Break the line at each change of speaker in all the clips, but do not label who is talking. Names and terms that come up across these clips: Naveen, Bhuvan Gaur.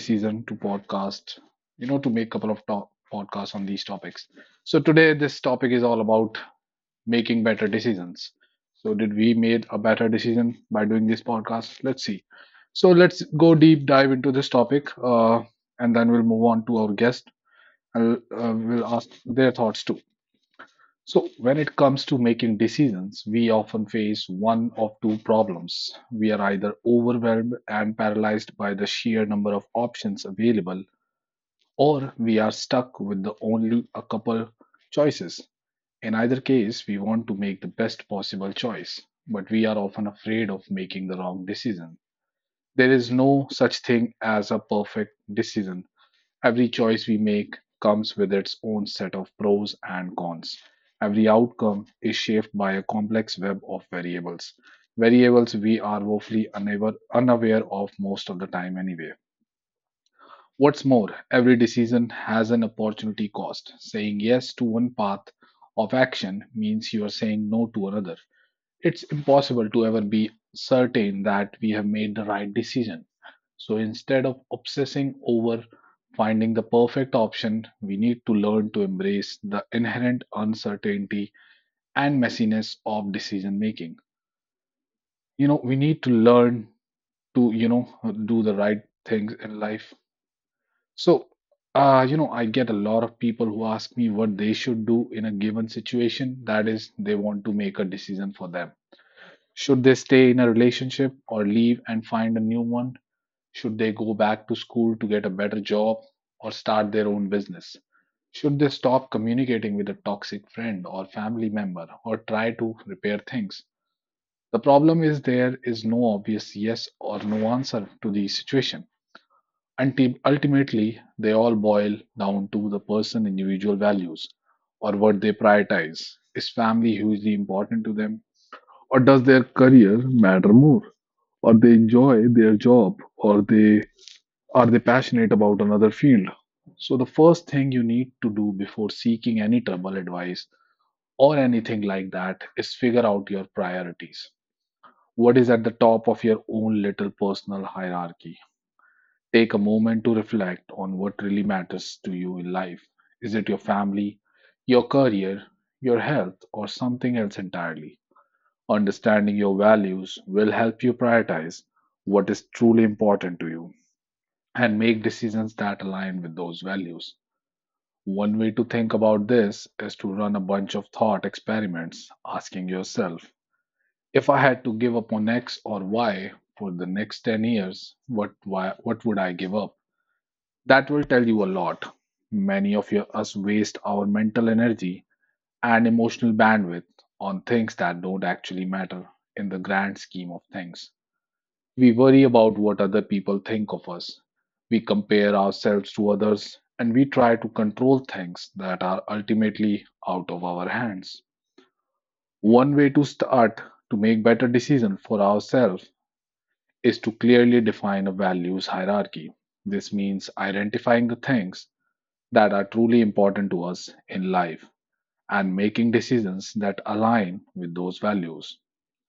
decision to podcast, to make a couple of top podcasts on these topics. So today, this topic is all about making better decisions. So did we made a better decision by doing this podcast? Let's see. So let's go deep dive into this topic, and then we'll move on to our guest, and we'll ask their thoughts too. So, when it comes to making decisions, we often face one of two problems. We are either overwhelmed and paralyzed by the sheer number of options available, or we are stuck with the only a couple choices. In either case, we want to make the best possible choice, but we are often afraid of making the wrong decision. There is no such thing as a perfect decision. Every choice we make comes with its own set of pros and cons. Every outcome is shaped by a complex web of variables, variables we are woefully unable, unaware of most of the time, anyway. What's more, every decision has an opportunity cost. Saying yes to one path of action means you are saying no to another. It's impossible to ever be certain that we have made the right decision. So instead of obsessing over finding the perfect option, we need to learn to embrace the inherent uncertainty and messiness of decision making. We need to learn to do the right things in life. So, I get a lot of people who ask me what they should do in a given situation. That is, they want to make a decision for them. Should they stay in a relationship or leave and find a new one? Should they go back to school to get a better job or start their own business? Should they stop communicating with a toxic friend or family member or try to repair things? The problem is there is no obvious yes or no answer to the situation. Until ultimately, they all boil down to the person individual values or what they prioritize. Is family hugely important to them? Or does their career matter more? Or they enjoy their job, or they are they passionate about another field? So the first thing you need to do before seeking any trouble advice or anything like that is figure out your priorities. What is at the top of your own little personal hierarchy? Take a moment to reflect on what really matters to you in life. Is it your family, your career, your health, or something else entirely? Understanding your values will help you prioritize what is truly important to you and make decisions that align with those values. One way to think about this is to run a bunch of thought experiments, asking yourself, if I had to give up on X or Y for the next 10 years, what would I give up? That will tell you a lot. Many of us waste our mental energy and emotional bandwidth on things that don't actually matter in the grand scheme of things. We worry about what other people think of us. We compare ourselves to others, and we try to control things that are ultimately out of our hands. One way to start to make better decisions for ourselves is to clearly define a values hierarchy. This means identifying the things that are truly important to us in life and making decisions that align with those values.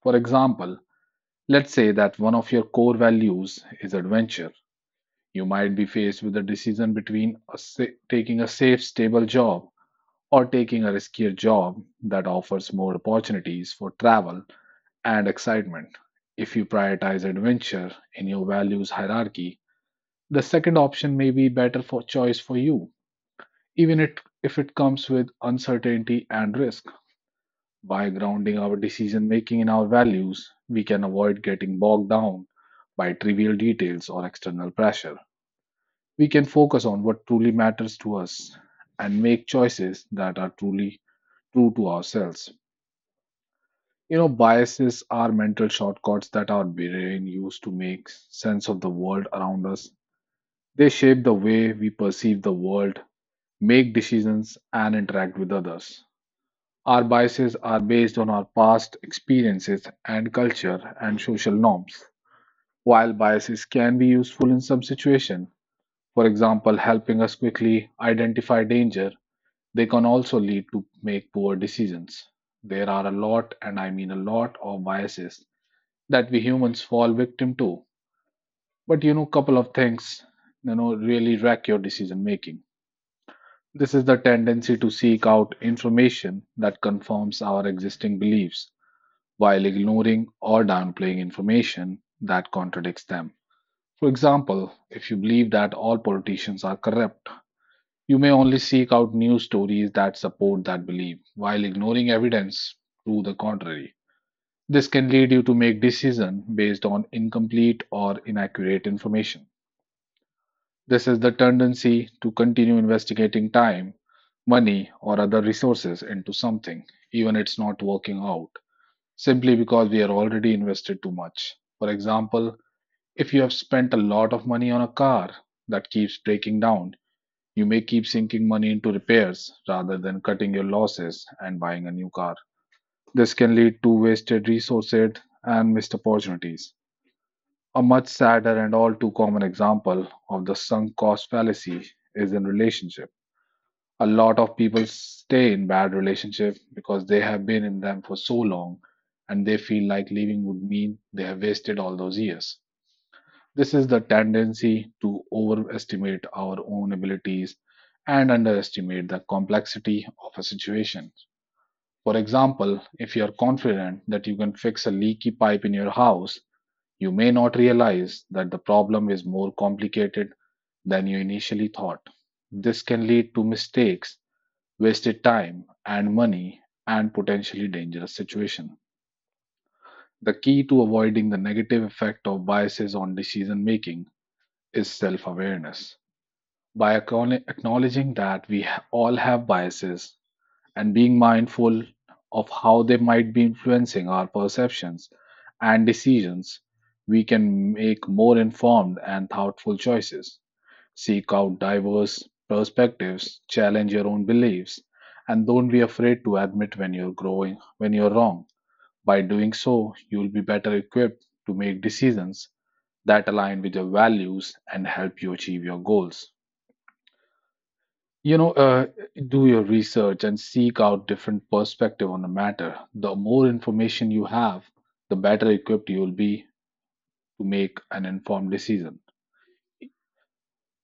For example, let's say that one of your core values is adventure. You might be faced with a decision between taking a safe, stable job or taking a riskier job that offers more opportunities for travel and excitement. If you prioritize adventure in your values hierarchy, the second option may be better for choice for you, even it, if it comes with uncertainty and risk. By grounding our decision making in our values, we can avoid getting bogged down by trivial details or external pressure. We can focus on what truly matters to us and make choices that are truly true to ourselves. Biases are mental shortcuts that our brain uses to make sense of the world around us. They shape the way we perceive the world, make decisions, and interact with others. Our biases are based on our past experiences and culture and social norms. While biases can be useful in some situations, for example, helping us quickly identify danger. They can also lead to make poor decisions. There are a lot, and I mean a lot, of biases that we humans fall victim to. But couple of things, really wreck your decision making. This is the tendency to seek out information that confirms our existing beliefs while ignoring or downplaying information that contradicts them. For example, if you believe that all politicians are corrupt, you may only seek out news stories that support that belief while ignoring evidence to the contrary. This can lead you to make decisions based on incomplete or inaccurate information. This is the tendency to continue investigating time, money, or other resources into something, even it's not working out, simply because we are already invested too much. For example, if you have spent a lot of money on a car that keeps breaking down, you may keep sinking money into repairs rather than cutting your losses and buying a new car. This can lead to wasted resources and missed opportunities. A much sadder and all too common example of the sunk cost fallacy is in relationship. A lot of people stay in bad relationships because they have been in them for so long, and they feel like leaving would mean they have wasted all those years. This is the tendency to overestimate our own abilities and underestimate the complexity of a situation. For example, if you are confident that you can fix a leaky pipe in your house, you may not realize that the problem is more complicated than you initially thought. This can lead to mistakes, wasted time and money, and potentially dangerous situations. The key to avoiding the negative effect of biases on decision making is self awareness. By acknowledging that we all have biases and being mindful of how they might be influencing our perceptions and decisions, we can make more informed and thoughtful choices. Seek out diverse perspectives, challenge your own beliefs, and don't be afraid to admit when you're wrong. By doing so, you'll be better equipped to make decisions that align with your values and help you achieve your goals. You know, uh, do your research and seek out different perspective on the matter. The more information you have, the better equipped you will be to make an informed decision.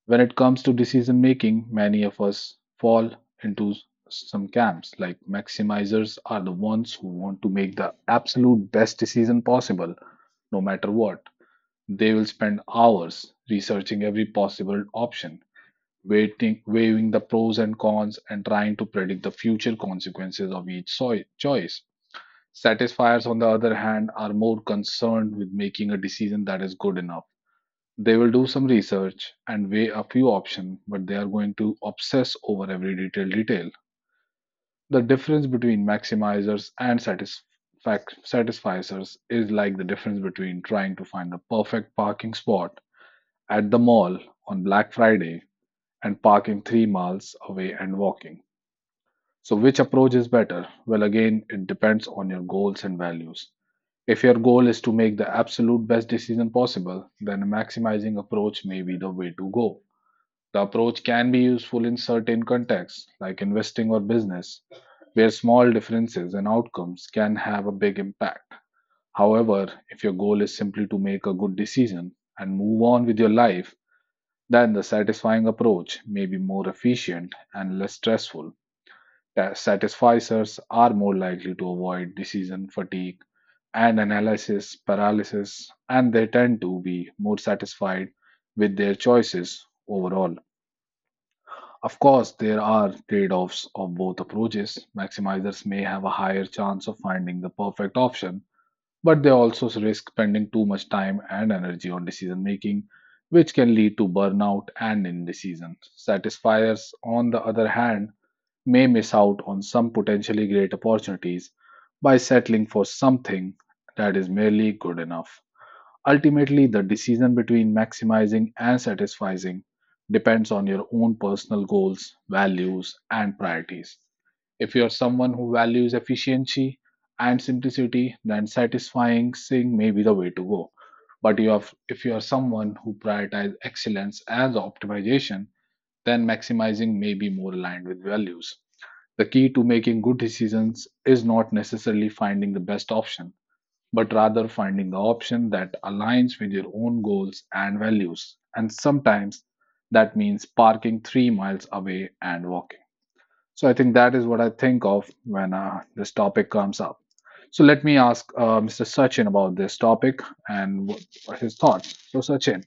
When it comes to decision making, many of us fall into some camps. Like maximizers are the ones who want to make the absolute best decision possible, no matter what. They will spend hours researching every possible option, weighing the pros and cons, and trying to predict the future consequences of each choice. Satisfiers, on the other hand, are more concerned with making a decision that is good enough. They will do some research and weigh a few options, but they are going to obsess over every detailed detail. The difference between maximizers and satisfiers. Fact, Satisficers is like the difference between trying to find the perfect parking spot at the mall on Black Friday and parking 3 miles away and walking. So, which approach is better? Well, again, it depends on your goals and values. If your goal is to make the absolute best decision possible, then a maximizing approach may be the way to go. The approach can be useful in certain contexts, like investing or business, where small differences in outcomes can have a big impact. However, if your goal is simply to make a good decision and move on with your life, then the satisfying approach may be more efficient and less stressful. Satisficers are more likely to avoid decision fatigue and analysis paralysis, and they tend to be more satisfied with their choices overall. Of course, there are trade offs of both approaches. Maximizers may have a higher chance of finding the perfect option, but they also risk spending too much time and energy on decision making, which can lead to burnout and indecision. Satisfiers, on the other hand, may miss out on some potentially great opportunities by settling for something that is merely good enough. Ultimately, the decision between maximizing and satisfying depends on your own personal goals, values, and priorities. If you're someone who values efficiency and simplicity, then satisfying may be the way to go. If you are someone who prioritizes excellence as optimization, then maximizing may be more aligned with values. The key to making good decisions is not necessarily finding the best option, but rather finding the option that aligns with your own goals and values. And sometimes that means parking 3 miles away and walking. So I think that is what I think of when this topic comes up. So let me ask Mr. Sachin about this topic and his thoughts. So Sachin,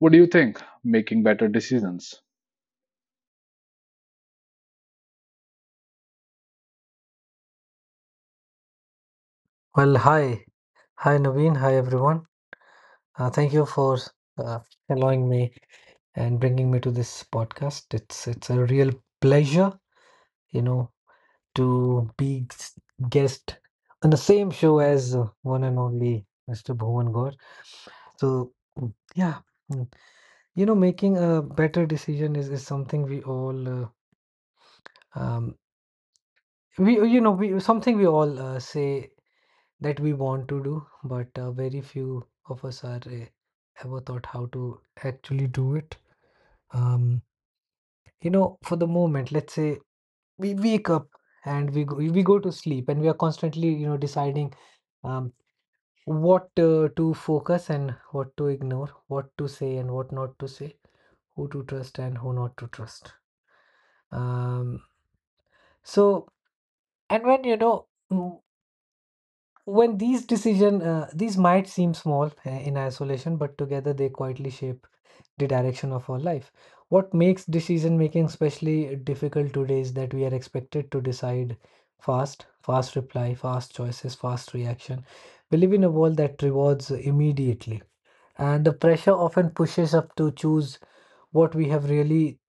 what do you think? Making better decisions.
Well, hi. Hi, Naveen. Hi, everyone. Thank you for uh, allowing me and bringing me to this podcast. It's a real pleasure, you know, to be guest on the same show as one and only Mr. Bhuvan Gaur. So, yeah, mm, making a better decision is something we all um, we you know we something we all say that we want to do, but very few of us are ever thought how to actually do it. Um, for the moment, let's say we wake up and we go to sleep, and we are constantly, you know, deciding um, what to focus and what to ignore, what to say and what not to say, who to trust and who not to trust. Um, so, and when you know. Mm, When these decision, these might seem small in isolation, but together they quietly shape the direction of our life. What makes decision making especially difficult today is that we are expected to decide fast, fast reply, fast choices, fast reaction. We live in a world that rewards immediately, and the pressure often pushes up to choose what we have really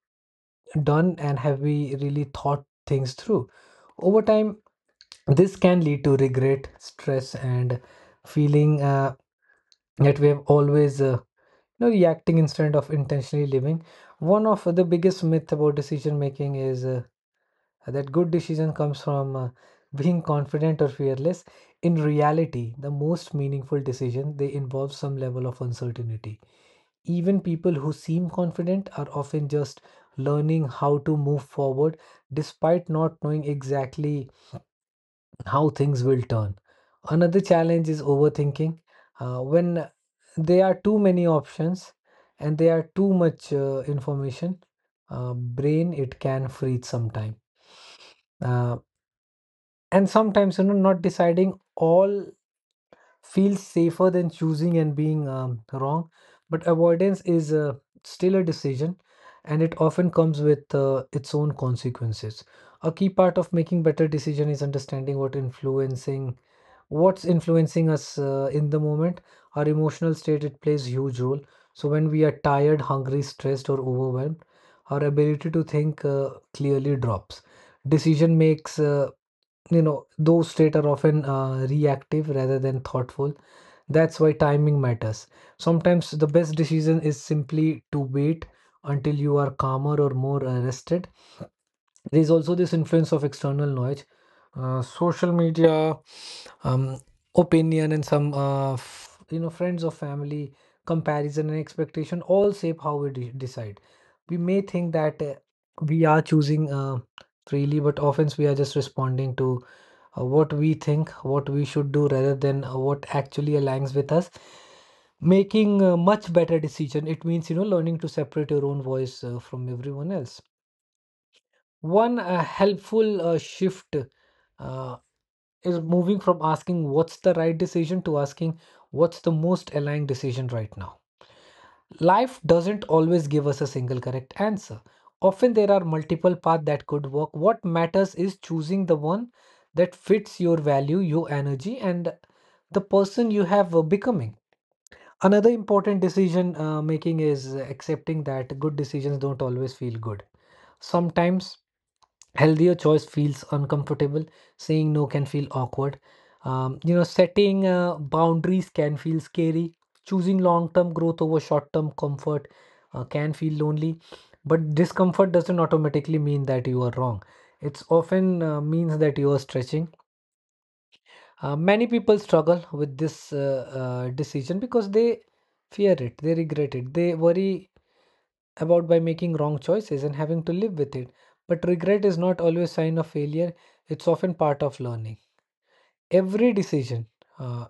done and have we really thought things through. Over time, this can lead to regret, stress, and feeling that we have always no reacting instead of intentionally living. One of the biggest myth about decision making is that good decision comes from being confident or fearless. In reality, the most meaningful decision they involve some level of uncertainty. Even people who seem confident are often just learning how to move forward despite not knowing exactly how things will turn. Another challenge is overthinking. When there are too many options and there are too much information, brain it can freeze sometime. Uh, and sometimes, you know, not deciding all feels safer than choosing and being wrong. But avoidance is still a decision, and it often comes with its own consequences. A key part of making better decision is understanding what influencing what's influencing us in the moment. Our emotional state it plays huge role. So when we are tired, hungry, stressed, or overwhelmed, our ability to think clearly drops. Decision makes, you know, those states are often reactive rather than thoughtful. That's why timing matters. Sometimes the best decision is simply to wait until you are calmer or more rested. There's also this influence of external noise, social media, um, opinion, and some friends or family comparison and expectation all shape how we decide. We may think that we are choosing freely, but often we are just responding to what we think what we should do rather than what actually aligns with us. Making a much better decision it means, you know, learning to separate your own voice from everyone else. One helpful shift uh, is moving from asking what's the right decision to asking what's the most aligned decision right now. Life doesn't always give us a single correct answer. Often there are multiple paths that could work. What matters is choosing the one that fits your value, your energy, and the person you have becoming. Another important decision making is accepting that good decisions don't always feel good. Sometimes healthier choice feels uncomfortable. Saying no can feel awkward. Setting boundaries can feel scary. Choosing long-term growth over short-term comfort can feel lonely, but discomfort doesn't automatically mean that you are wrong. It's often means that you are stretching. Many people struggle with this decision because they fear it, they regret it, they worry about by making wrong choices and having to live with it. But regret is not always sign of failure, it's often part of learning. Every decision uh,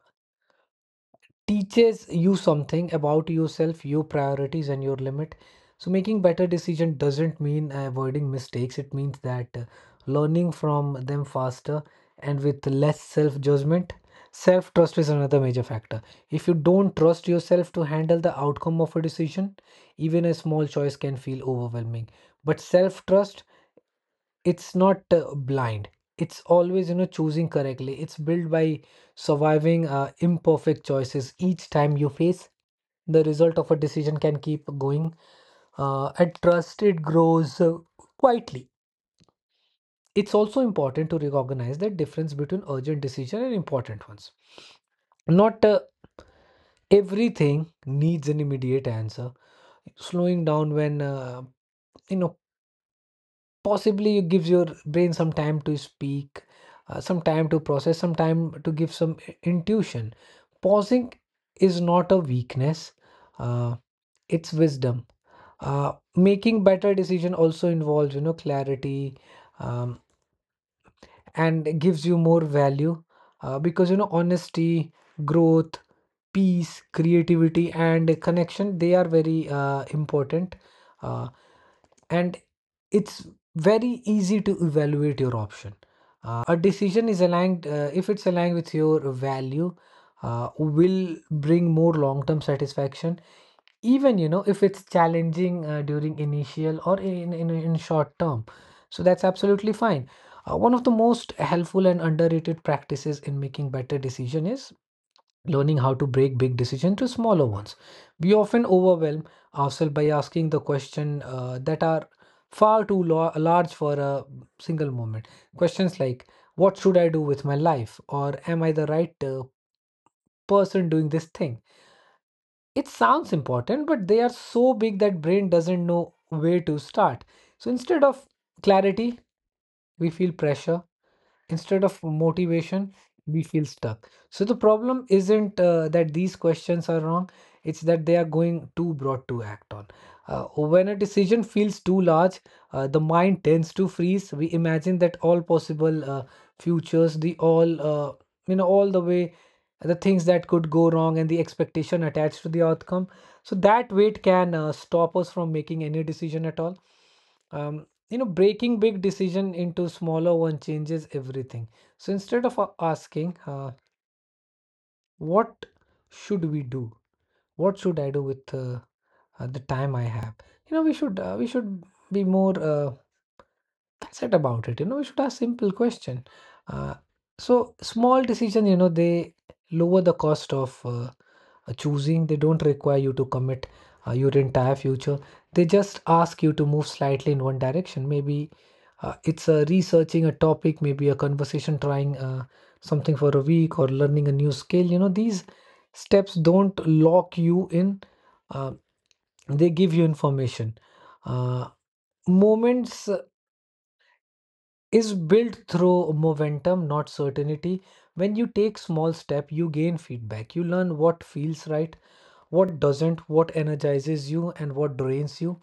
teaches you something about yourself, your priorities, and your limit. So, making better decision doesn't mean avoiding mistakes. It means that learning from them faster and with less self-judgment. Self-trust is another major factor. If you don't trust yourself to handle the outcome of a decision, even a small choice can feel overwhelming. But self-trust, it's not blind, it's always, you know, choosing correctly. It's built by surviving imperfect choices. Each time you face the result of a decision can keep going and trust it grows quietly. It's also important to recognize the difference between urgent decision and important ones. Not everything needs an immediate answer. Slowing down when, you know, possibly, it gives your brain some time to speak, some time to process, some time to give some intuition. Pausing is not a weakness, uh, it's wisdom. Making better decision also involves, you know, clarity, um, and it gives you more value, because, you know, honesty, growth, peace, creativity, and connection, they are very important. Uh, and it's very easy to evaluate your option. A decision is aligned, if it's aligned with your value, will bring more long-term satisfaction, even, you know, if it's challenging during initial or in short term, so that's absolutely fine. One of the most helpful and underrated practices in making better decision is learning how to break big decisions to smaller ones. We often overwhelm ourselves by asking the question that are far too large for a single moment. Questions like, "What should I do with my life?" or "Am I the right person doing this thing?" It sounds important, but they are so big that brain doesn't know where to start. So instead of clarity, we feel pressure. Instead of motivation, we feel stuck. So the problem isn't that these questions are wrong, it's that they are going too broad to act on. When a decision feels too large, the mind tends to freeze. We imagine that all possible futures, the all, you know, all the way, the things that could go wrong and the expectation attached to the outcome. So that weight can stop us from making any decision at all. Um, Breaking big decision into smaller one changes everything. So instead of asking what should we do, what should I do with the time I have, you know, we should be more that's it about it. You know, we should ask simple question. Uh, so small decision, you know, they lower the cost of choosing. They don't require you to commit your entire future. They just ask you to move slightly in one direction. Maybe it's researching a topic, maybe a conversation, trying something for a week, or learning a new skill. You know, these steps don't lock you in. Uh, they give you information. Uh, Moments is built through momentum, not certainty. When you take small step, you gain feedback. You learn what feels right, what doesn't, what energizes you and what drains you.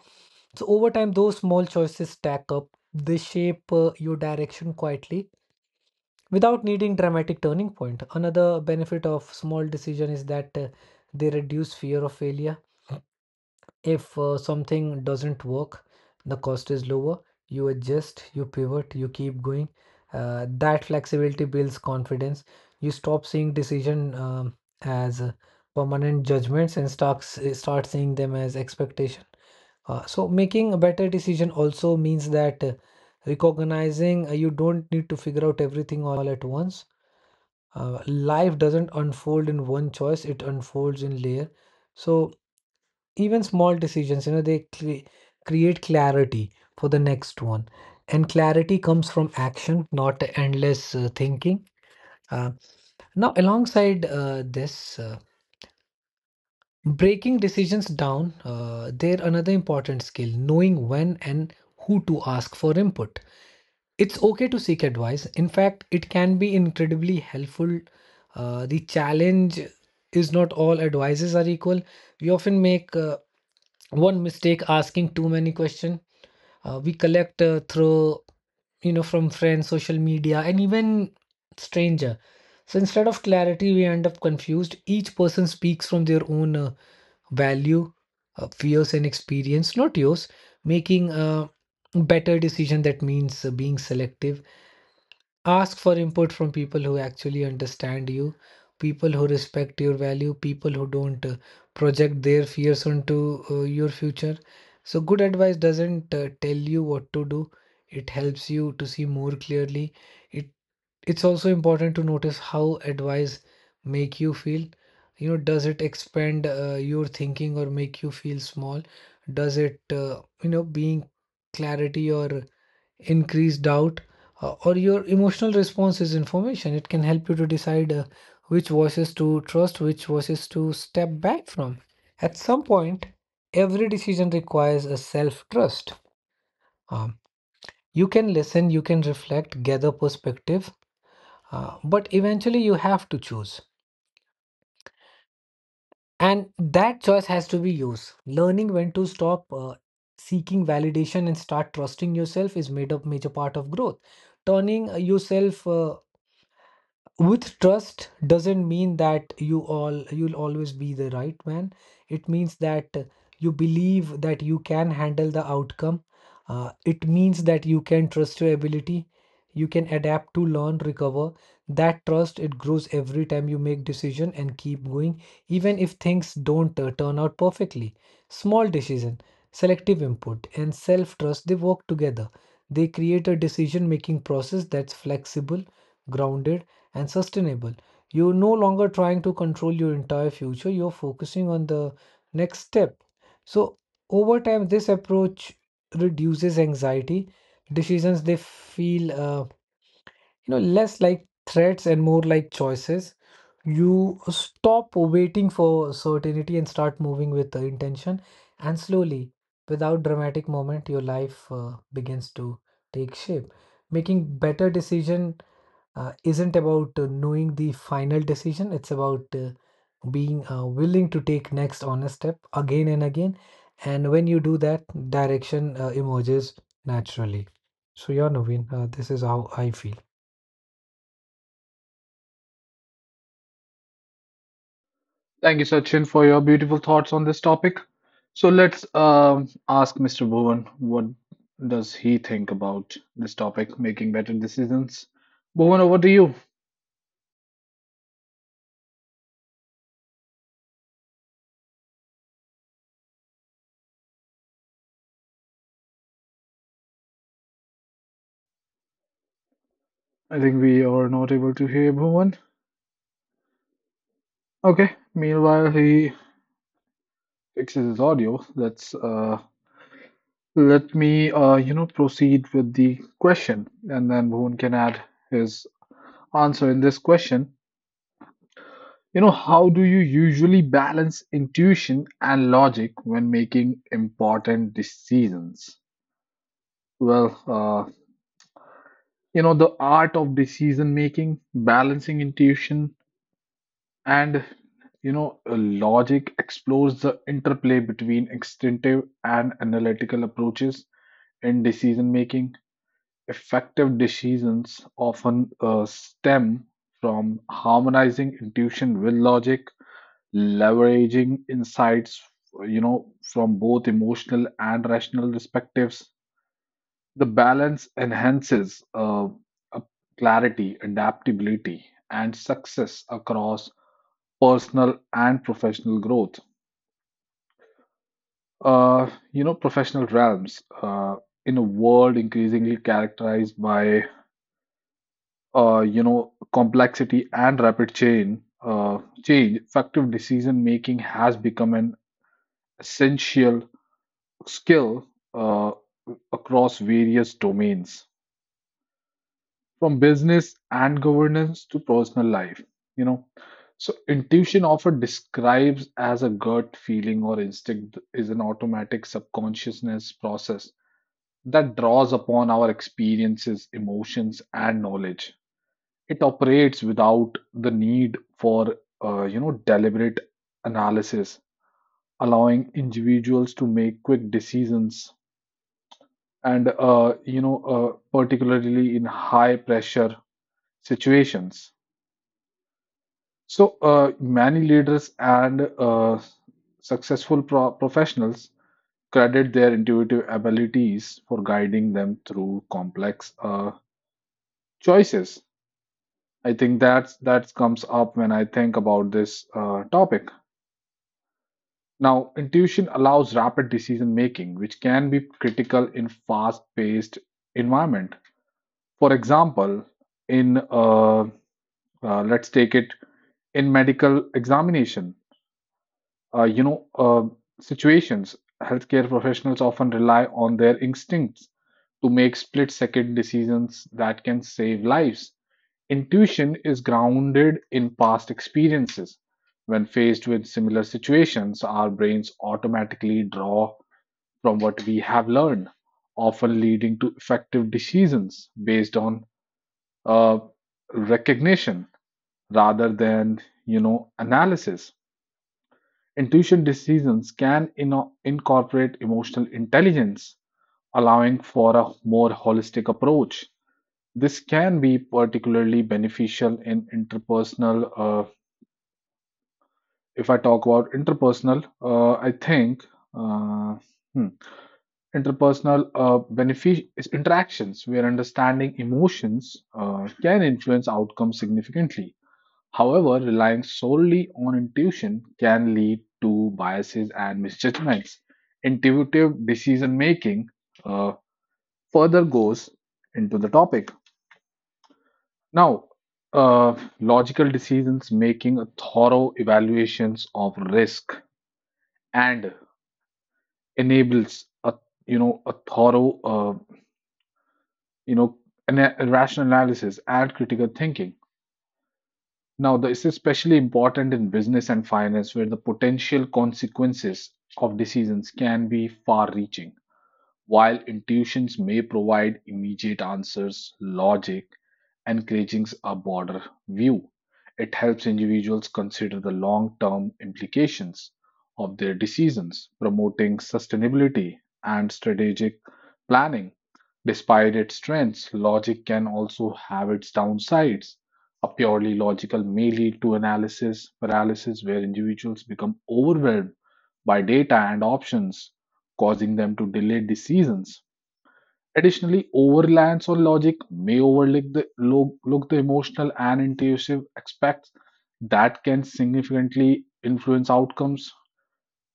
So over time those small choices stack up. They shape your direction quietly without needing dramatic turning point. Another benefit of small decision is that they reduce fear of failure. If something doesn't work, the cost is lower. You adjust, you pivot, you keep going. That flexibility builds confidence. You stop seeing decision as permanent judgments and start seeing them as expectation. So making a better decision also means that recognizing you don't need to figure out everything all at once. Life doesn't unfold in one choice; it unfolds in layer. So even small decisions, you know, they create clarity for the next one, and clarity comes from action, not endless thinking. uh, Now alongside this breaking decisions down, there another important skill, knowing when and who to ask for input. It's okay to seek advice. In fact, it can be incredibly helpful. The challenge is not all advices are equal. We often make one mistake, asking too many questions. We collect through you know from friends, social media, and even stranger. So instead of clarity, we end up confused. Each person speaks from their own value, fears and experience, not yours. Making a better decision that means being selective. Ask for input from people who actually understand you, people who respect your value, people who don't project their fears onto your future. So, good advice doesn't tell you what to do, it helps you to see more clearly. It it's also important to notice how advice make you feel. You know, does it expand your thinking or make you feel small? Does it, you know, being clarity or increased doubt, or your emotional response is information? It can help you to decide which voices to trust, which voices to step back from. At some point, every decision requires a self trust. Um, you can listen, you can reflect, gather perspective, but eventually you have to choose. And that choice has to be yours. Learning when to stop seeking validation and start trusting yourself is made up major part of growth. Turning yourself with trust doesn't mean that you all you'll always be the right man. It means that you believe that you can handle the outcome. It means that you can trust your ability. You can adapt to learn recover. That trust it grows every time you make decision and keep going even if things don't turn out perfectly. Small decision, selective input, and self trust, they work together. They create a decision making process that's flexible, grounded, and sustainable. You're no longer trying to control your entire future, you're focusing on the next step. So, over time, this approach reduces anxiety. Decisions they feel, you know, less like threats and more like choices. You stop waiting for certainty and start moving with the intention, and slowly, without dramatic moment, your life begins to take shape. Making better decision isn't about knowing the final decision, it's about being willing to take next honest step again and again. And when you do that, direction emerges naturally. So yeah, Naveen, this is how I feel.
Thank you, Sachin, for your beautiful thoughts on this topic. So let's ask Mr. Bhuvan what does he think about this topic, making better decisions. Bhuvan, over to you. I think we are not able to hear Bhuvan. Okay. Meanwhile, he fixes his audio. Let me proceed with the question, and then Bhuvan can add his answer in this question. How do you usually balance intuition and logic when making important decisions? Well, the art of decision making, balancing intuition and, logic, explores the interplay between instinctive and analytical approaches in decision making. Effective decisions often stem from harmonizing intuition with logic, leveraging insights from both emotional and rational perspectives. The balance enhances uh, clarity, adaptability, and success across personal and professional growth, professional realms, in a world increasingly characterized by complexity and rapid uh, change. Effective decision making has become an essential skill uh, across various domains, from business and governance to personal life. You know, so intuition, often describes as a gut feeling or instinct, is an automatic subconsciousness process that draws upon our experiences, emotions, and knowledge. It operates without the need for deliberate analysis, allowing individuals to make quick decisions and particularly in high pressure situations. So many leaders and successful professionals credit their intuitive abilities for guiding them through complex choices. I think that comes up when I think about this topic. Now, intuition allows rapid decision making, which can be critical in fast paced environment. For example, in let's take it in medical examination uh, you know uh, situations, healthcare professionals often rely on their instincts to make split second decisions that can save lives. Intuition is grounded in past experiences. When faced with similar situations, our brains automatically draw from what we have learned, often leading to effective decisions based on uh, recognition rather than analysis. Intuition decisions can incorporate emotional intelligence, allowing for a more holistic approach. This can be particularly beneficial in interpersonal if I talk about interpersonal I think uh, hmm, interpersonal benefic- is interactions where understanding emotions can influence outcomes significantly. However, relying solely on intuition can lead to biases and misjudgments. Intuitive decision making uh, further goes into the topic. Now, logical decisions making a thorough evaluations of risk and enables a a thorough, you know rational analysis and critical thinking. Now, this is especially important in business and finance, where the potential consequences of decisions can be far reaching. While intuitions may provide immediate answers, logic encourages a broader view. It helps individuals consider the long term implications of their decisions, promoting sustainability and strategic planning. Despite its strengths, logic can also have its downsides. A purely logical may lead to analysis paralysis, where individuals become overwhelmed by data and options, causing them to delay decisions. Additionally, overreliance on logic may overlook the, lo- look the emotional and intuitive aspects that can significantly influence outcomes.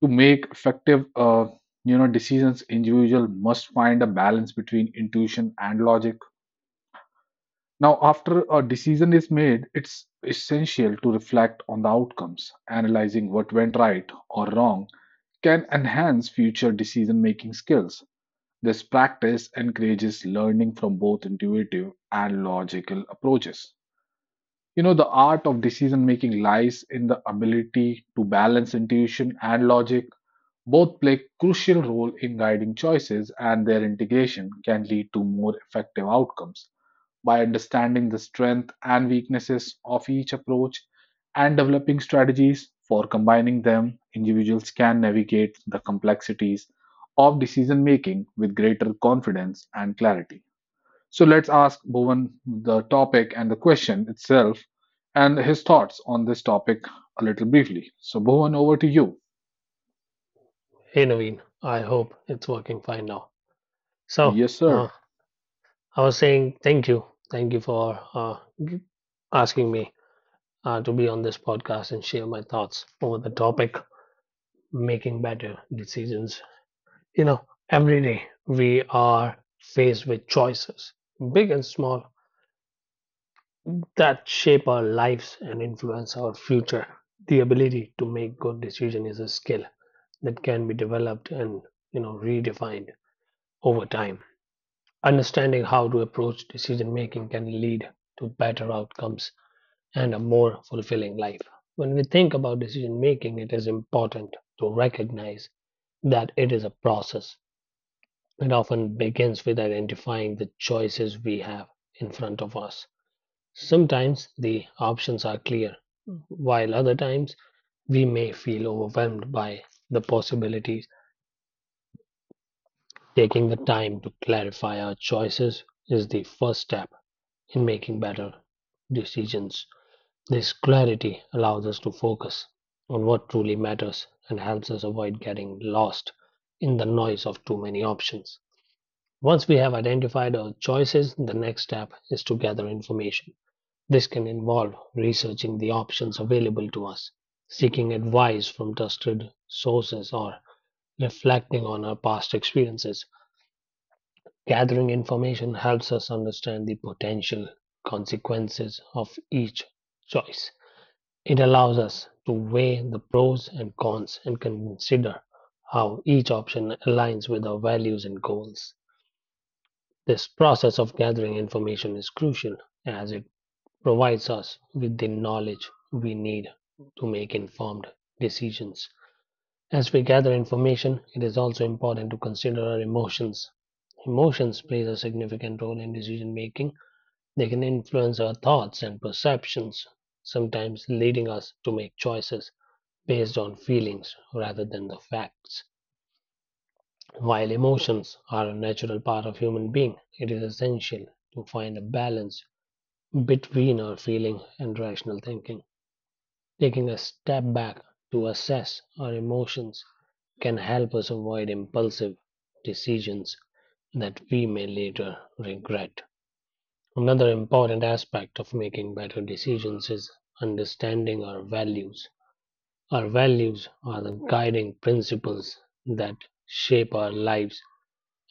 To make effective, decisions, individual must find a balance between intuition and logic. Now, after a decision is made, it's essential to reflect on the outcomes. Analyzing what went right or wrong can enhance future decision making skills. This practice encourages learning from both intuitive and logical approaches. The art of decision making lies in the ability to balance intuition and logic. Both play crucial role in guiding choices, and their integration can lead to more effective outcomes. By understanding the strength and weaknesses of each approach and developing strategies for combining them, individuals can navigate the complexities of decision making with greater confidence and clarity. So let's ask Bhuvan the topic and the question itself and his thoughts on this topic a little briefly. So, Bhuvan, over to you.
Hey Naveen, I hope it's working fine now. So,
Yes, sir.
uh, I was saying thank you. Thank you for asking me to be on this podcast and share my thoughts over the topic making better decisions. You know, every day we are faced with choices, big and small, that shape our lives and influence our future. The ability to make good decisions is a skill that can be developed and redefined over time. Understanding how to approach decision making can lead to better outcomes and a more fulfilling life. When we think about decision making, it is important to recognize that it is a process. It often begins with identifying the choices we have in front of us. Sometimes the options are clear, while other times we may feel overwhelmed by the possibilities. Taking the time to clarify our choices is the first step in making better decisions. This clarity allows us to focus on what truly matters and helps us avoid getting lost in the noise of too many options. Once we have identified our choices, the next step is to gather information. This can involve researching the options available to us, seeking advice from trusted sources, or reflecting on our past experiences. Gathering information helps us understand the potential consequences of each choice. It allows us to weigh the pros and cons and consider how each option aligns with our values and goals. This process of gathering information is crucial as it provides us with the knowledge we need to make informed decisions. As we gather information, it is also important to consider our emotions. Emotions play a significant role in decision making. They can influence our thoughts and perceptions, sometimes leading us to make choices based on feelings rather than the facts. While emotions are a natural part of human being, it is essential to find a balance between our feeling and rational thinking. Taking a step back to assess our emotions can help us avoid impulsive decisions that we may later regret. Another important aspect of making better decisions is understanding our values. Our values are the guiding principles that shape our lives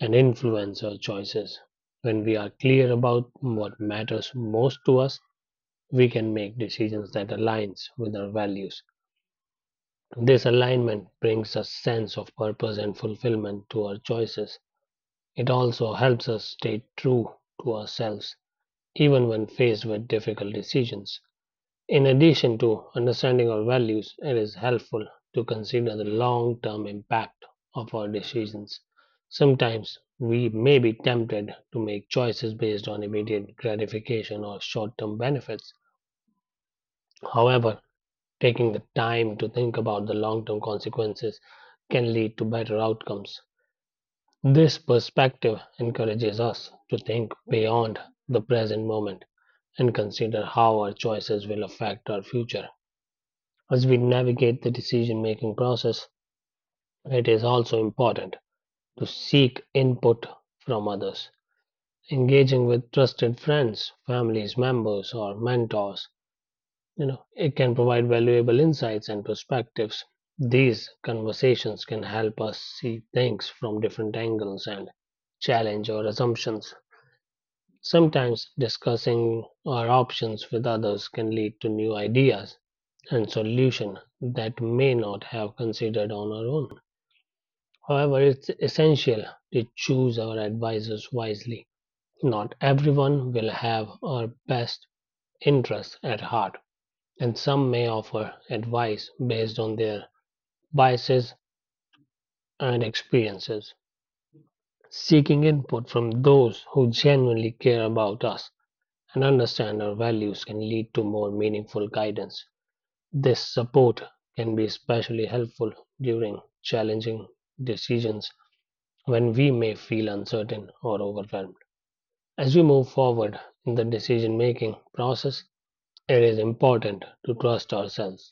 and influence our choices. When we are clear about what matters most to us, we can make decisions that aligns with our values. This alignment brings a sense of purpose and fulfillment to our choices. It also helps us stay true to ourselves, even when faced with difficult decisions. In addition to understanding our values, it is helpful to consider the long term impact of our decisions. Sometimes we may be tempted to make choices based on immediate gratification or short term benefits. However, taking the time to think about the long term consequences can lead to better outcomes. This perspective encourages us to think beyond the present moment and consider how our choices will affect our future. As we navigate the decision making process, it is also important to seek input from others. Engaging with trusted friends, families, members, or mentors, it can provide valuable insights and perspectives. These conversations can help us see things from different angles and challenge our assumptions. Sometimes discussing our options with others can lead to new ideas and solutions that may not have considered on our own. However, it's essential to choose our advisors wisely. Not everyone will have our best interests at heart and some may offer advice based on their biases and experiences, seeking input from those who genuinely care about us and understand our values can lead to more meaningful guidance. This support can be especially helpful during challenging decisions when we may feel uncertain or overwhelmed. As we move forward in the decision making process, it is important to trust ourselves.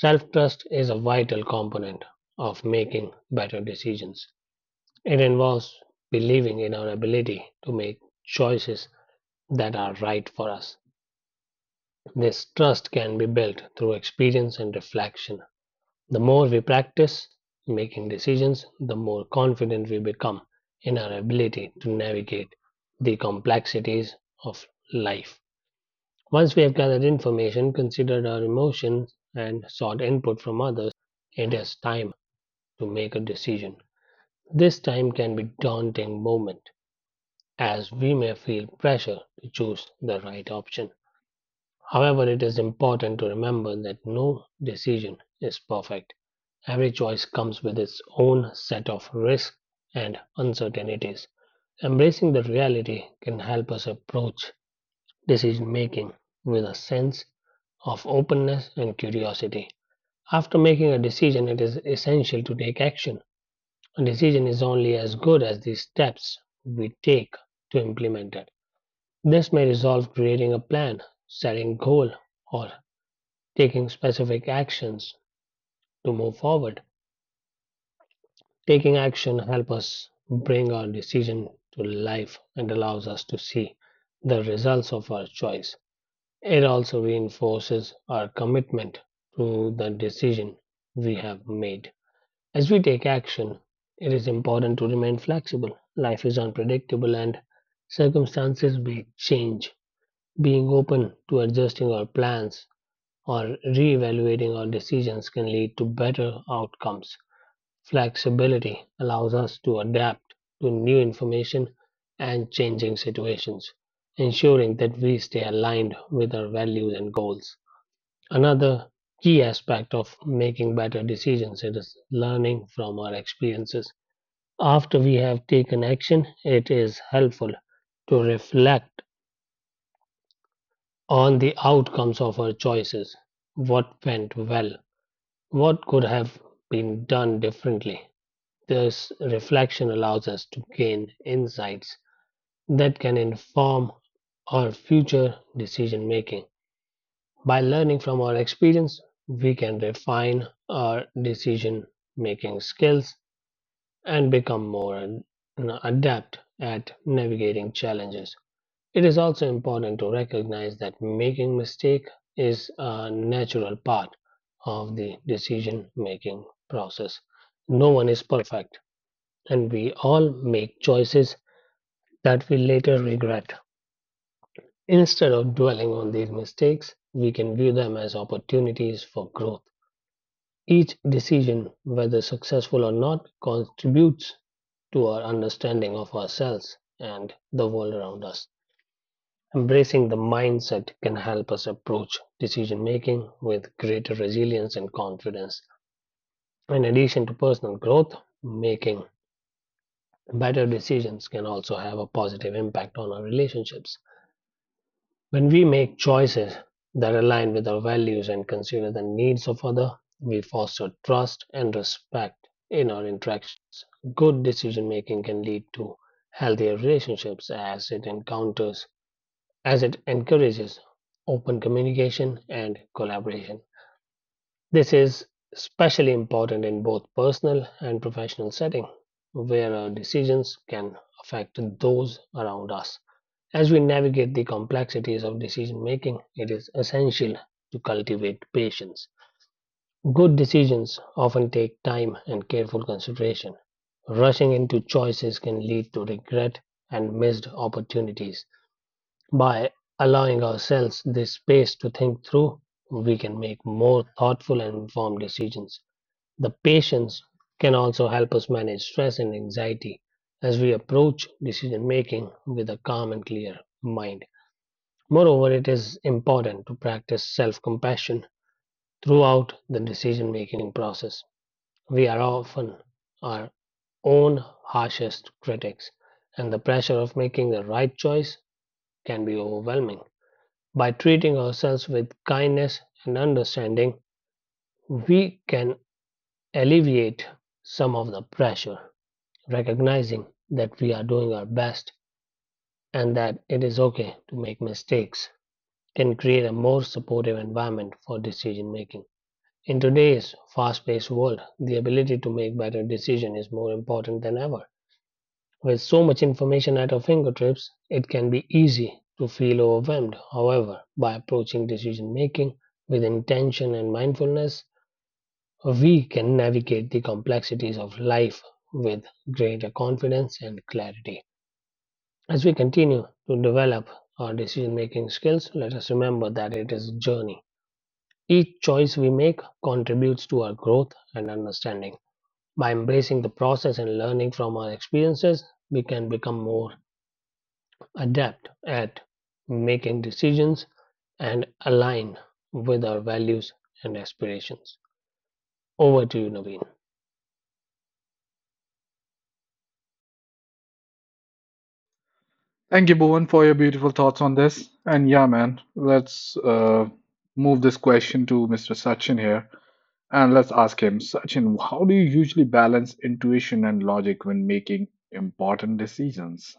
Self trust is a vital component of making better decisions. It involves believing in our ability to make choices that are right for us. This trust can be built through experience and reflection. The more we practice making decisions, the more confident we become in our ability to navigate the complexities of life. Once we have gathered information, considered our emotions, and sought input from others, it is time to make a decision. This time can be a daunting moment as we may feel pressure to choose the right option. However, it is important to remember that no decision is perfect. Every choice comes with its own set of risks and uncertainties. Embracing the reality can help us approach decision making with a sense of openness and curiosity. After making a decision, it is essential to take action. A decision is only as good as the steps we take to implement it. This may resolve creating a plan, setting a goal, or taking specific actions to move forward. Taking action helps us bring our decision to life and allows us to see the results of our choice. It also reinforces our commitment to the decision we have made. As we take action, it is important to remain flexible. Life is unpredictable and circumstances may change. Being open to adjusting our plans or re-evaluating our decisions can lead to better outcomes. Flexibility allows us to adapt to new information and changing situations, ensuring that we stay aligned with our values and goals. Another key aspect of making better decisions is learning from our experiences after we have taken action, it is helpful to reflect on the outcomes of our choices. What went well? What could have been done differently? This reflection allows us to gain insights that can inform our future decision making. By learning from our experience, we can refine our decision making skills and become more adept at navigating challenges. It is also important to recognize that making mistake is a natural part of the decision making process. No one is perfect and we all make choices that we later regret. Instead of dwelling on these mistakes, we can view them as opportunities for growth. Each decision, whether successful or not, contributes to our understanding of ourselves and the world around us. Embracing the mindset can help us approach decision making with greater resilience and confidence. In addition to personal growth, making better decisions can also have a positive impact on our relationships. When we make choices that align with our values and consider the needs of others, we foster trust and respect in our interactions. Good decision making can lead to healthier relationships as it encourages open communication and collaboration. This is especially important in both personal and professional settings, where our decisions can affect those around us. As we navigate the complexities of decision making, it is essential to cultivate patience. Good decisions often take time and careful consideration. Rushing into choices can lead to regret and missed opportunities. By allowing ourselves this space to think through, we can make more thoughtful and informed decisions. The patience can also help us manage stress and anxiety as we approach decision making with a calm and clear mind. Moreover, it is important to practice self compassion throughout the decision making process. We are often our own harshest critics, and the pressure of making the right choice can be overwhelming. By treating ourselves with kindness and understanding, we can alleviate some of the pressure, recognizing that we are doing our best and that it is okay to make mistakes can create a more supportive environment for decision making. In today's fast paced world, the ability to make better decisions is more important than ever. With so much information at our fingertips, it can be easy to feel overwhelmed. However, by approaching decision making with intention and mindfulness, we can navigate the complexities of life with greater confidence and clarity. As we continue to develop our decision making skills, let us remember that it is a journey. Each choice we make contributes to our growth and understanding. By embracing the process and learning from our experiences, we can become more adapt at making decisions and align with our values and aspirations. Over to you, Naveen.
Thank you, Bhuvan, for your beautiful thoughts on this. And yeah, man, let's move this question to Mr. Sachin here. And let's ask him, Sachin, how do you usually balance intuition and logic when making important decisions?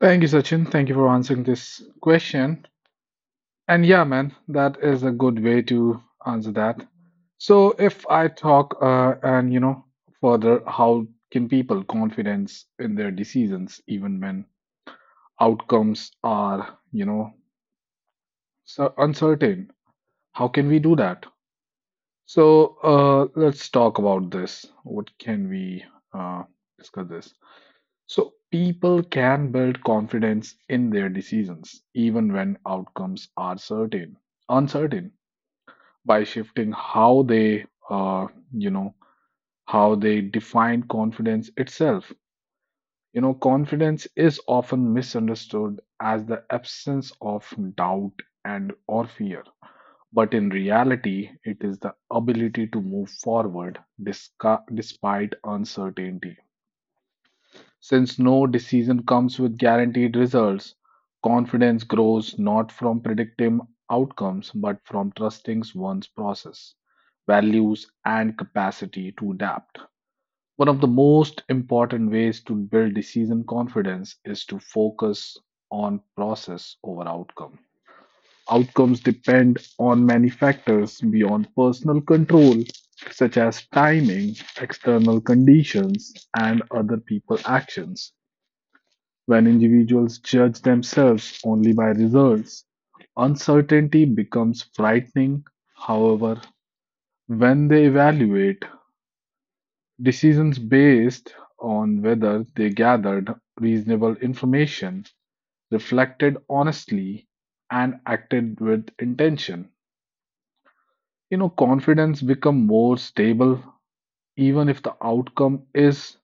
Thank you, Sachin. Thank you for answering this question. And yeah, man, that is a good way to answer that. So if I talk and further, how can people confidence in their decisions even when outcomes are, so uncertain. How can we do that? So let's talk about this. What can we uh, discuss this? So people can build confidence in their decisions even when outcomes are certain, uncertain, by shifting how you know, they define confidence itself. Confidence is often misunderstood as the absence of doubt and or fear. But in reality, it is the ability to move forward despite uncertainty. Since no decision comes with guaranteed results, confidence grows not from predicting outcomes but from trusting one's process, values, and capacity to adapt. One of the most important ways to build decision confidence is to focus on process over outcome. Outcomes depend on many factors beyond personal control, such as timing, external conditions, and other people's actions. When individuals judge themselves only by results, uncertainty becomes frightening. However, when they evaluate decisions based on whether they gathered reasonable information, reflected honestly, and acted with intention, confidence become more stable. Even if the outcome is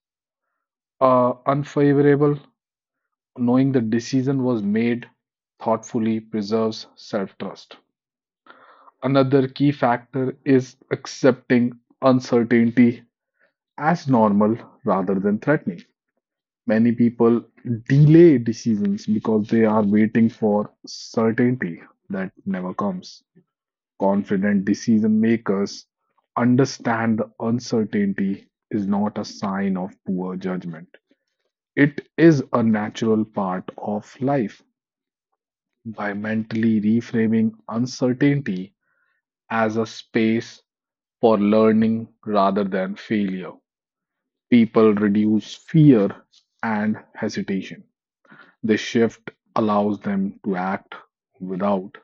unfavorable, knowing the decision was made thoughtfully preserves self trust. Another key factor is accepting uncertainty as normal rather than threatening. Many people delay decisions because they are waiting for certainty that never comes. Confident decision makers understand the uncertainty is not a sign of poor judgment. It is a natural part of life. By mentally reframing uncertainty as a space for learning rather than failure, people reduce fear and hesitation. This shift allows them to act without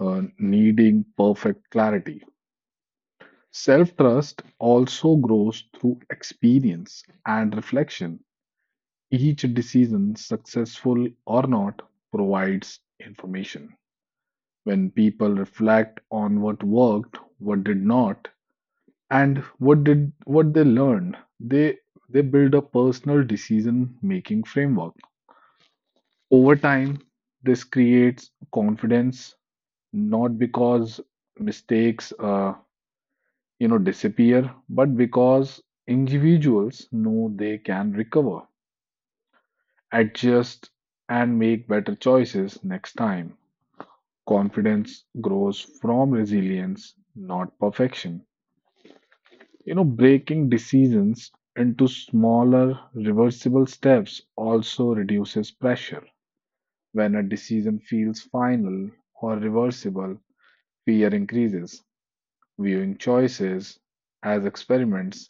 needing perfect clarity. Self trust also grows through experience and reflection. Each decision, successful or not, provides information. When people reflect on what worked, what did not, and what did what they learned, they build a personal decision making framework. Over time, this creates confidence not because mistakes disappear, but because individuals know they can recover, adjust, and make better choices next time. Confidence grows from resilience, not perfection. Breaking decisions into smaller reversible steps also reduces pressure. When a decision feels final or reversible, fear increases. Viewing choices as experiments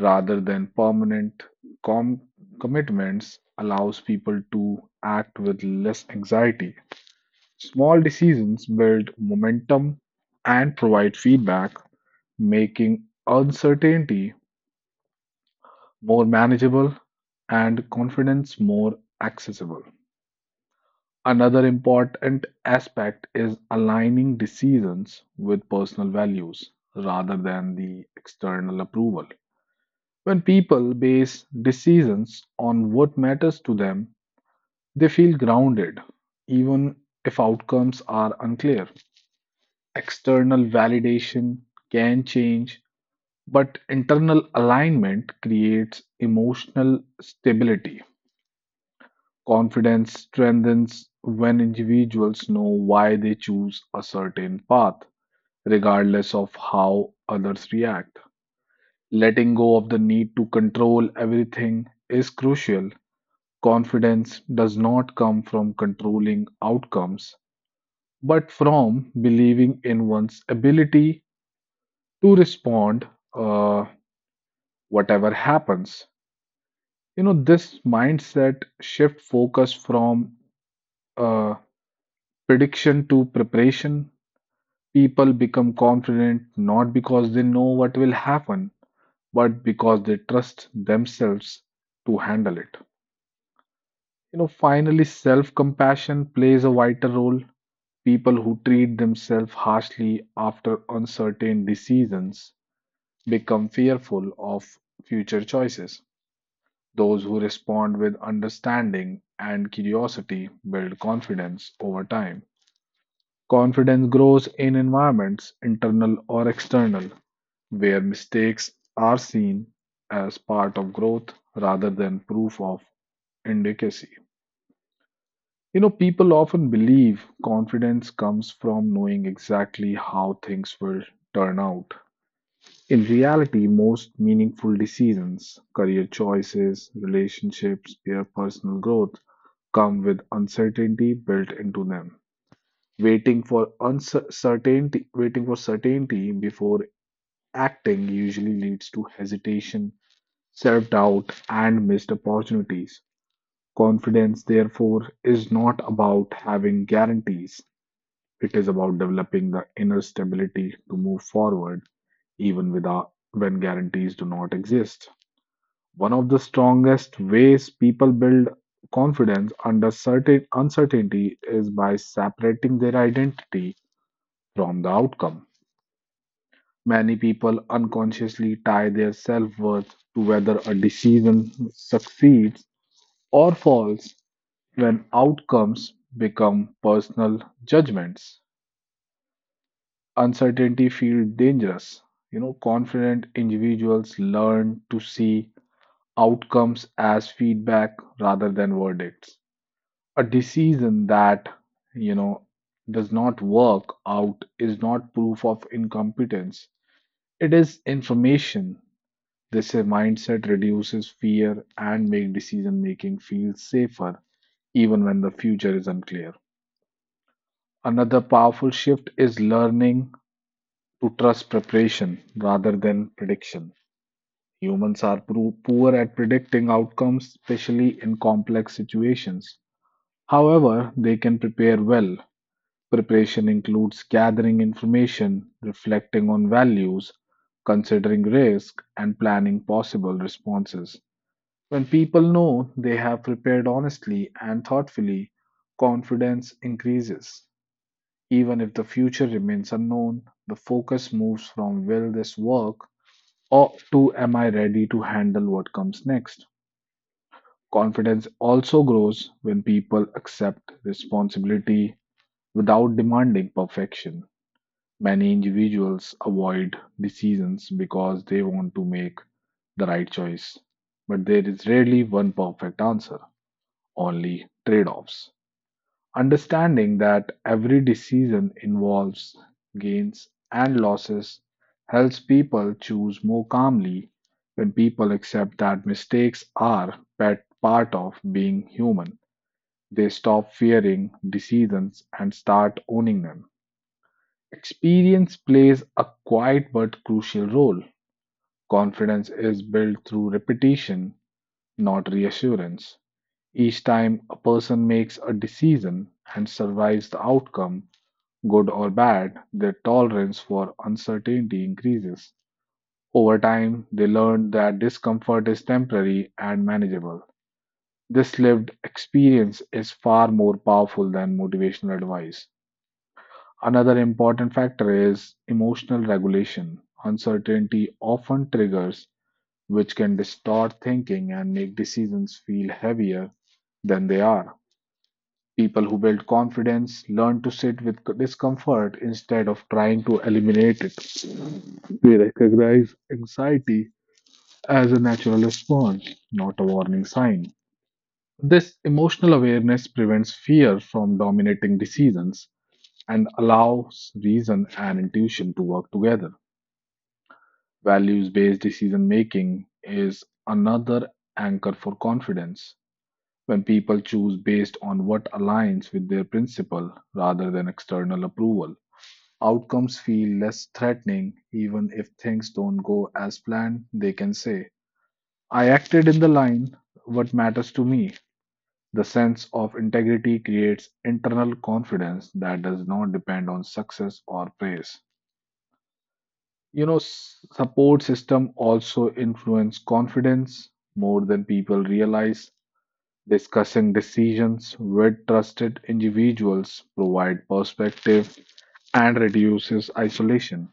rather than permanent com- commitments allows people to act with less anxiety. Small decisions build momentum and provide feedback, making uncertainty more manageable and confidence more accessible. Another important aspect is aligning decisions with personal values rather than the external approval. When people base decisions on what matters to them, they feel grounded, even if outcomes are unclear. External validation can change, but internal alignment creates emotional stability. Confidence strengthens when individuals know why they choose a certain path, regardless of how others react. Letting go of the need to control everything is crucial. Confidence does not come from controlling outcomes, but from believing in one's ability to respond, uh, whatever happens. This mindset shift focus from uh, prediction to preparation. People become confident not because they know what will happen, but because they trust themselves to handle it. Finally, self compassion plays a vital role. People who treat themselves harshly after uncertain decisions become fearful of future choices. Those who respond with understanding and curiosity build confidence over time. Confidence grows in environments, internal or external, where mistakes are seen as part of growth rather than proof of inadequacy. People often believe confidence comes from knowing exactly how things will turn out. In reality, most meaningful decisions, career choices, relationships, their personal growth, come with uncertainty built into them. Waiting for certainty before acting usually leads to hesitation, self-doubt, and missed opportunities. Confidence, therefore, is not about having guarantees. It is about developing the inner stability to move forward even without when guarantees do not exist. One of the strongest ways people build confidence under certain uncertainty is by separating their identity from the outcome. Many people unconsciously tie their self-worth to whether a decision succeeds or falls when outcomes become personal judgments. Uncertainty feels dangerous. Confident individuals learn to see outcomes as feedback rather than verdicts. A decision that, you know, does not work out is not proof of incompetence. It is information. This mindset reduces fear and make decision making feel safer even when the future is unclear. Another powerful shift is learning to trust preparation rather than prediction. Humans are poor at predicting outcomes, especially in complex situations. However, they can prepare well. Preparation includes gathering information, reflecting on values, considering risk, and planning possible responses. When people know they have prepared honestly and thoughtfully, confidence increases. Even if the future remains unknown, the focus moves from will this work or to am I ready to handle what comes next? Confidence also grows when people accept responsibility without demanding perfection. Many individuals avoid decisions because they want to make the right choice, but there is rarely one perfect answer, only trade offs. Understanding that every decision involves gains and losses helps people choose more calmly when people accept that mistakes are pet part of being human. They stop fearing decisions and start owning them. Experience plays a quiet but crucial role. Confidence is built through repetition, not reassurance. Each time a person makes a decision and survives the outcome, good or bad, their tolerance for uncertainty increases. Over time, they learn that discomfort is temporary and manageable. This lived experience is far more powerful than motivational advice. Another important factor is emotional regulation. Uncertainty often triggers, which can distort thinking and make decisions feel heavier than they are. People who build confidence learn to sit with discomfort instead of trying to eliminate it. They recognize anxiety as a natural response, not a warning sign. This emotional awareness prevents fear from dominating decisions and allows reason and intuition to work together. Values based decision making is another anchor for confidence. When people choose based on what aligns with their principle rather than external approval, outcomes feel less threatening even if things don't go as planned. They can say, I acted in the line, what matters to me? The sense of integrity creates internal confidence that does not depend on success or praise. Support system also influence confidence more than people realize. Discussing decisions with trusted individuals provide perspective and reduces isolation.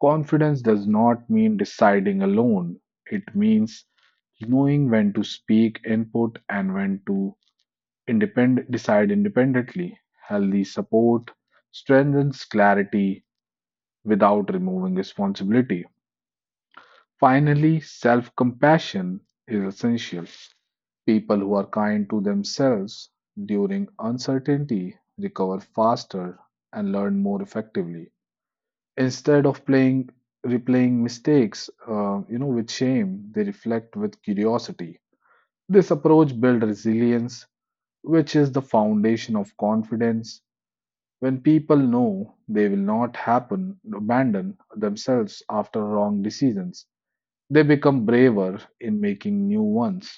Confidence does not mean deciding alone, it means knowing when to speak input and when to decide independently. Healthy support strengthens clarity without removing responsibility. Finally, self compassion is essential. People who are kind to themselves during uncertainty recover faster and learn more effectively. Instead of playing replaying mistakes, with shame, they reflect with curiosity. This approach builds resilience, which is the foundation of confidence. When people know they will not happen abandon themselves after wrong decisions, they become braver in making new ones.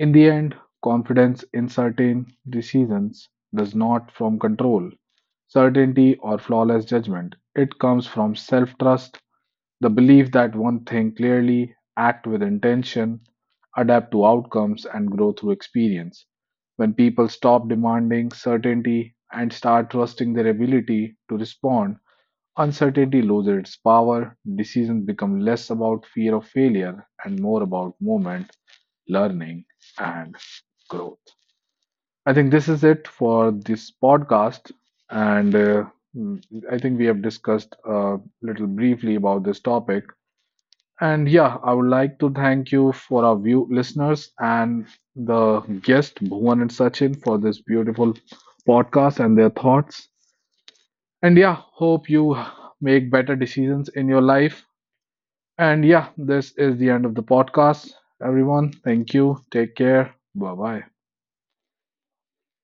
In the end, confidence in certain decisions does not from control, certainty, or flawless judgment. It comes from self trust the belief that one think clearly, act with intention, adapt to outcomes, and grow through experience. When people stop demanding certainty and start trusting their ability to respond, uncertainty loses its power, decisions become less about fear of failure and more about movement, learning, and growth. I think this is it for this podcast. And mm, I think we have discussed a little briefly about this topic. And yeah, I would like to thank you for our view listeners and the guest Bhuvan and Sachin for this beautiful podcast and their thoughts. And yeah, hope you make better decisions in your life. And yeah, this is the end of the podcast. Everyone, thank you. Take care. Bye bye.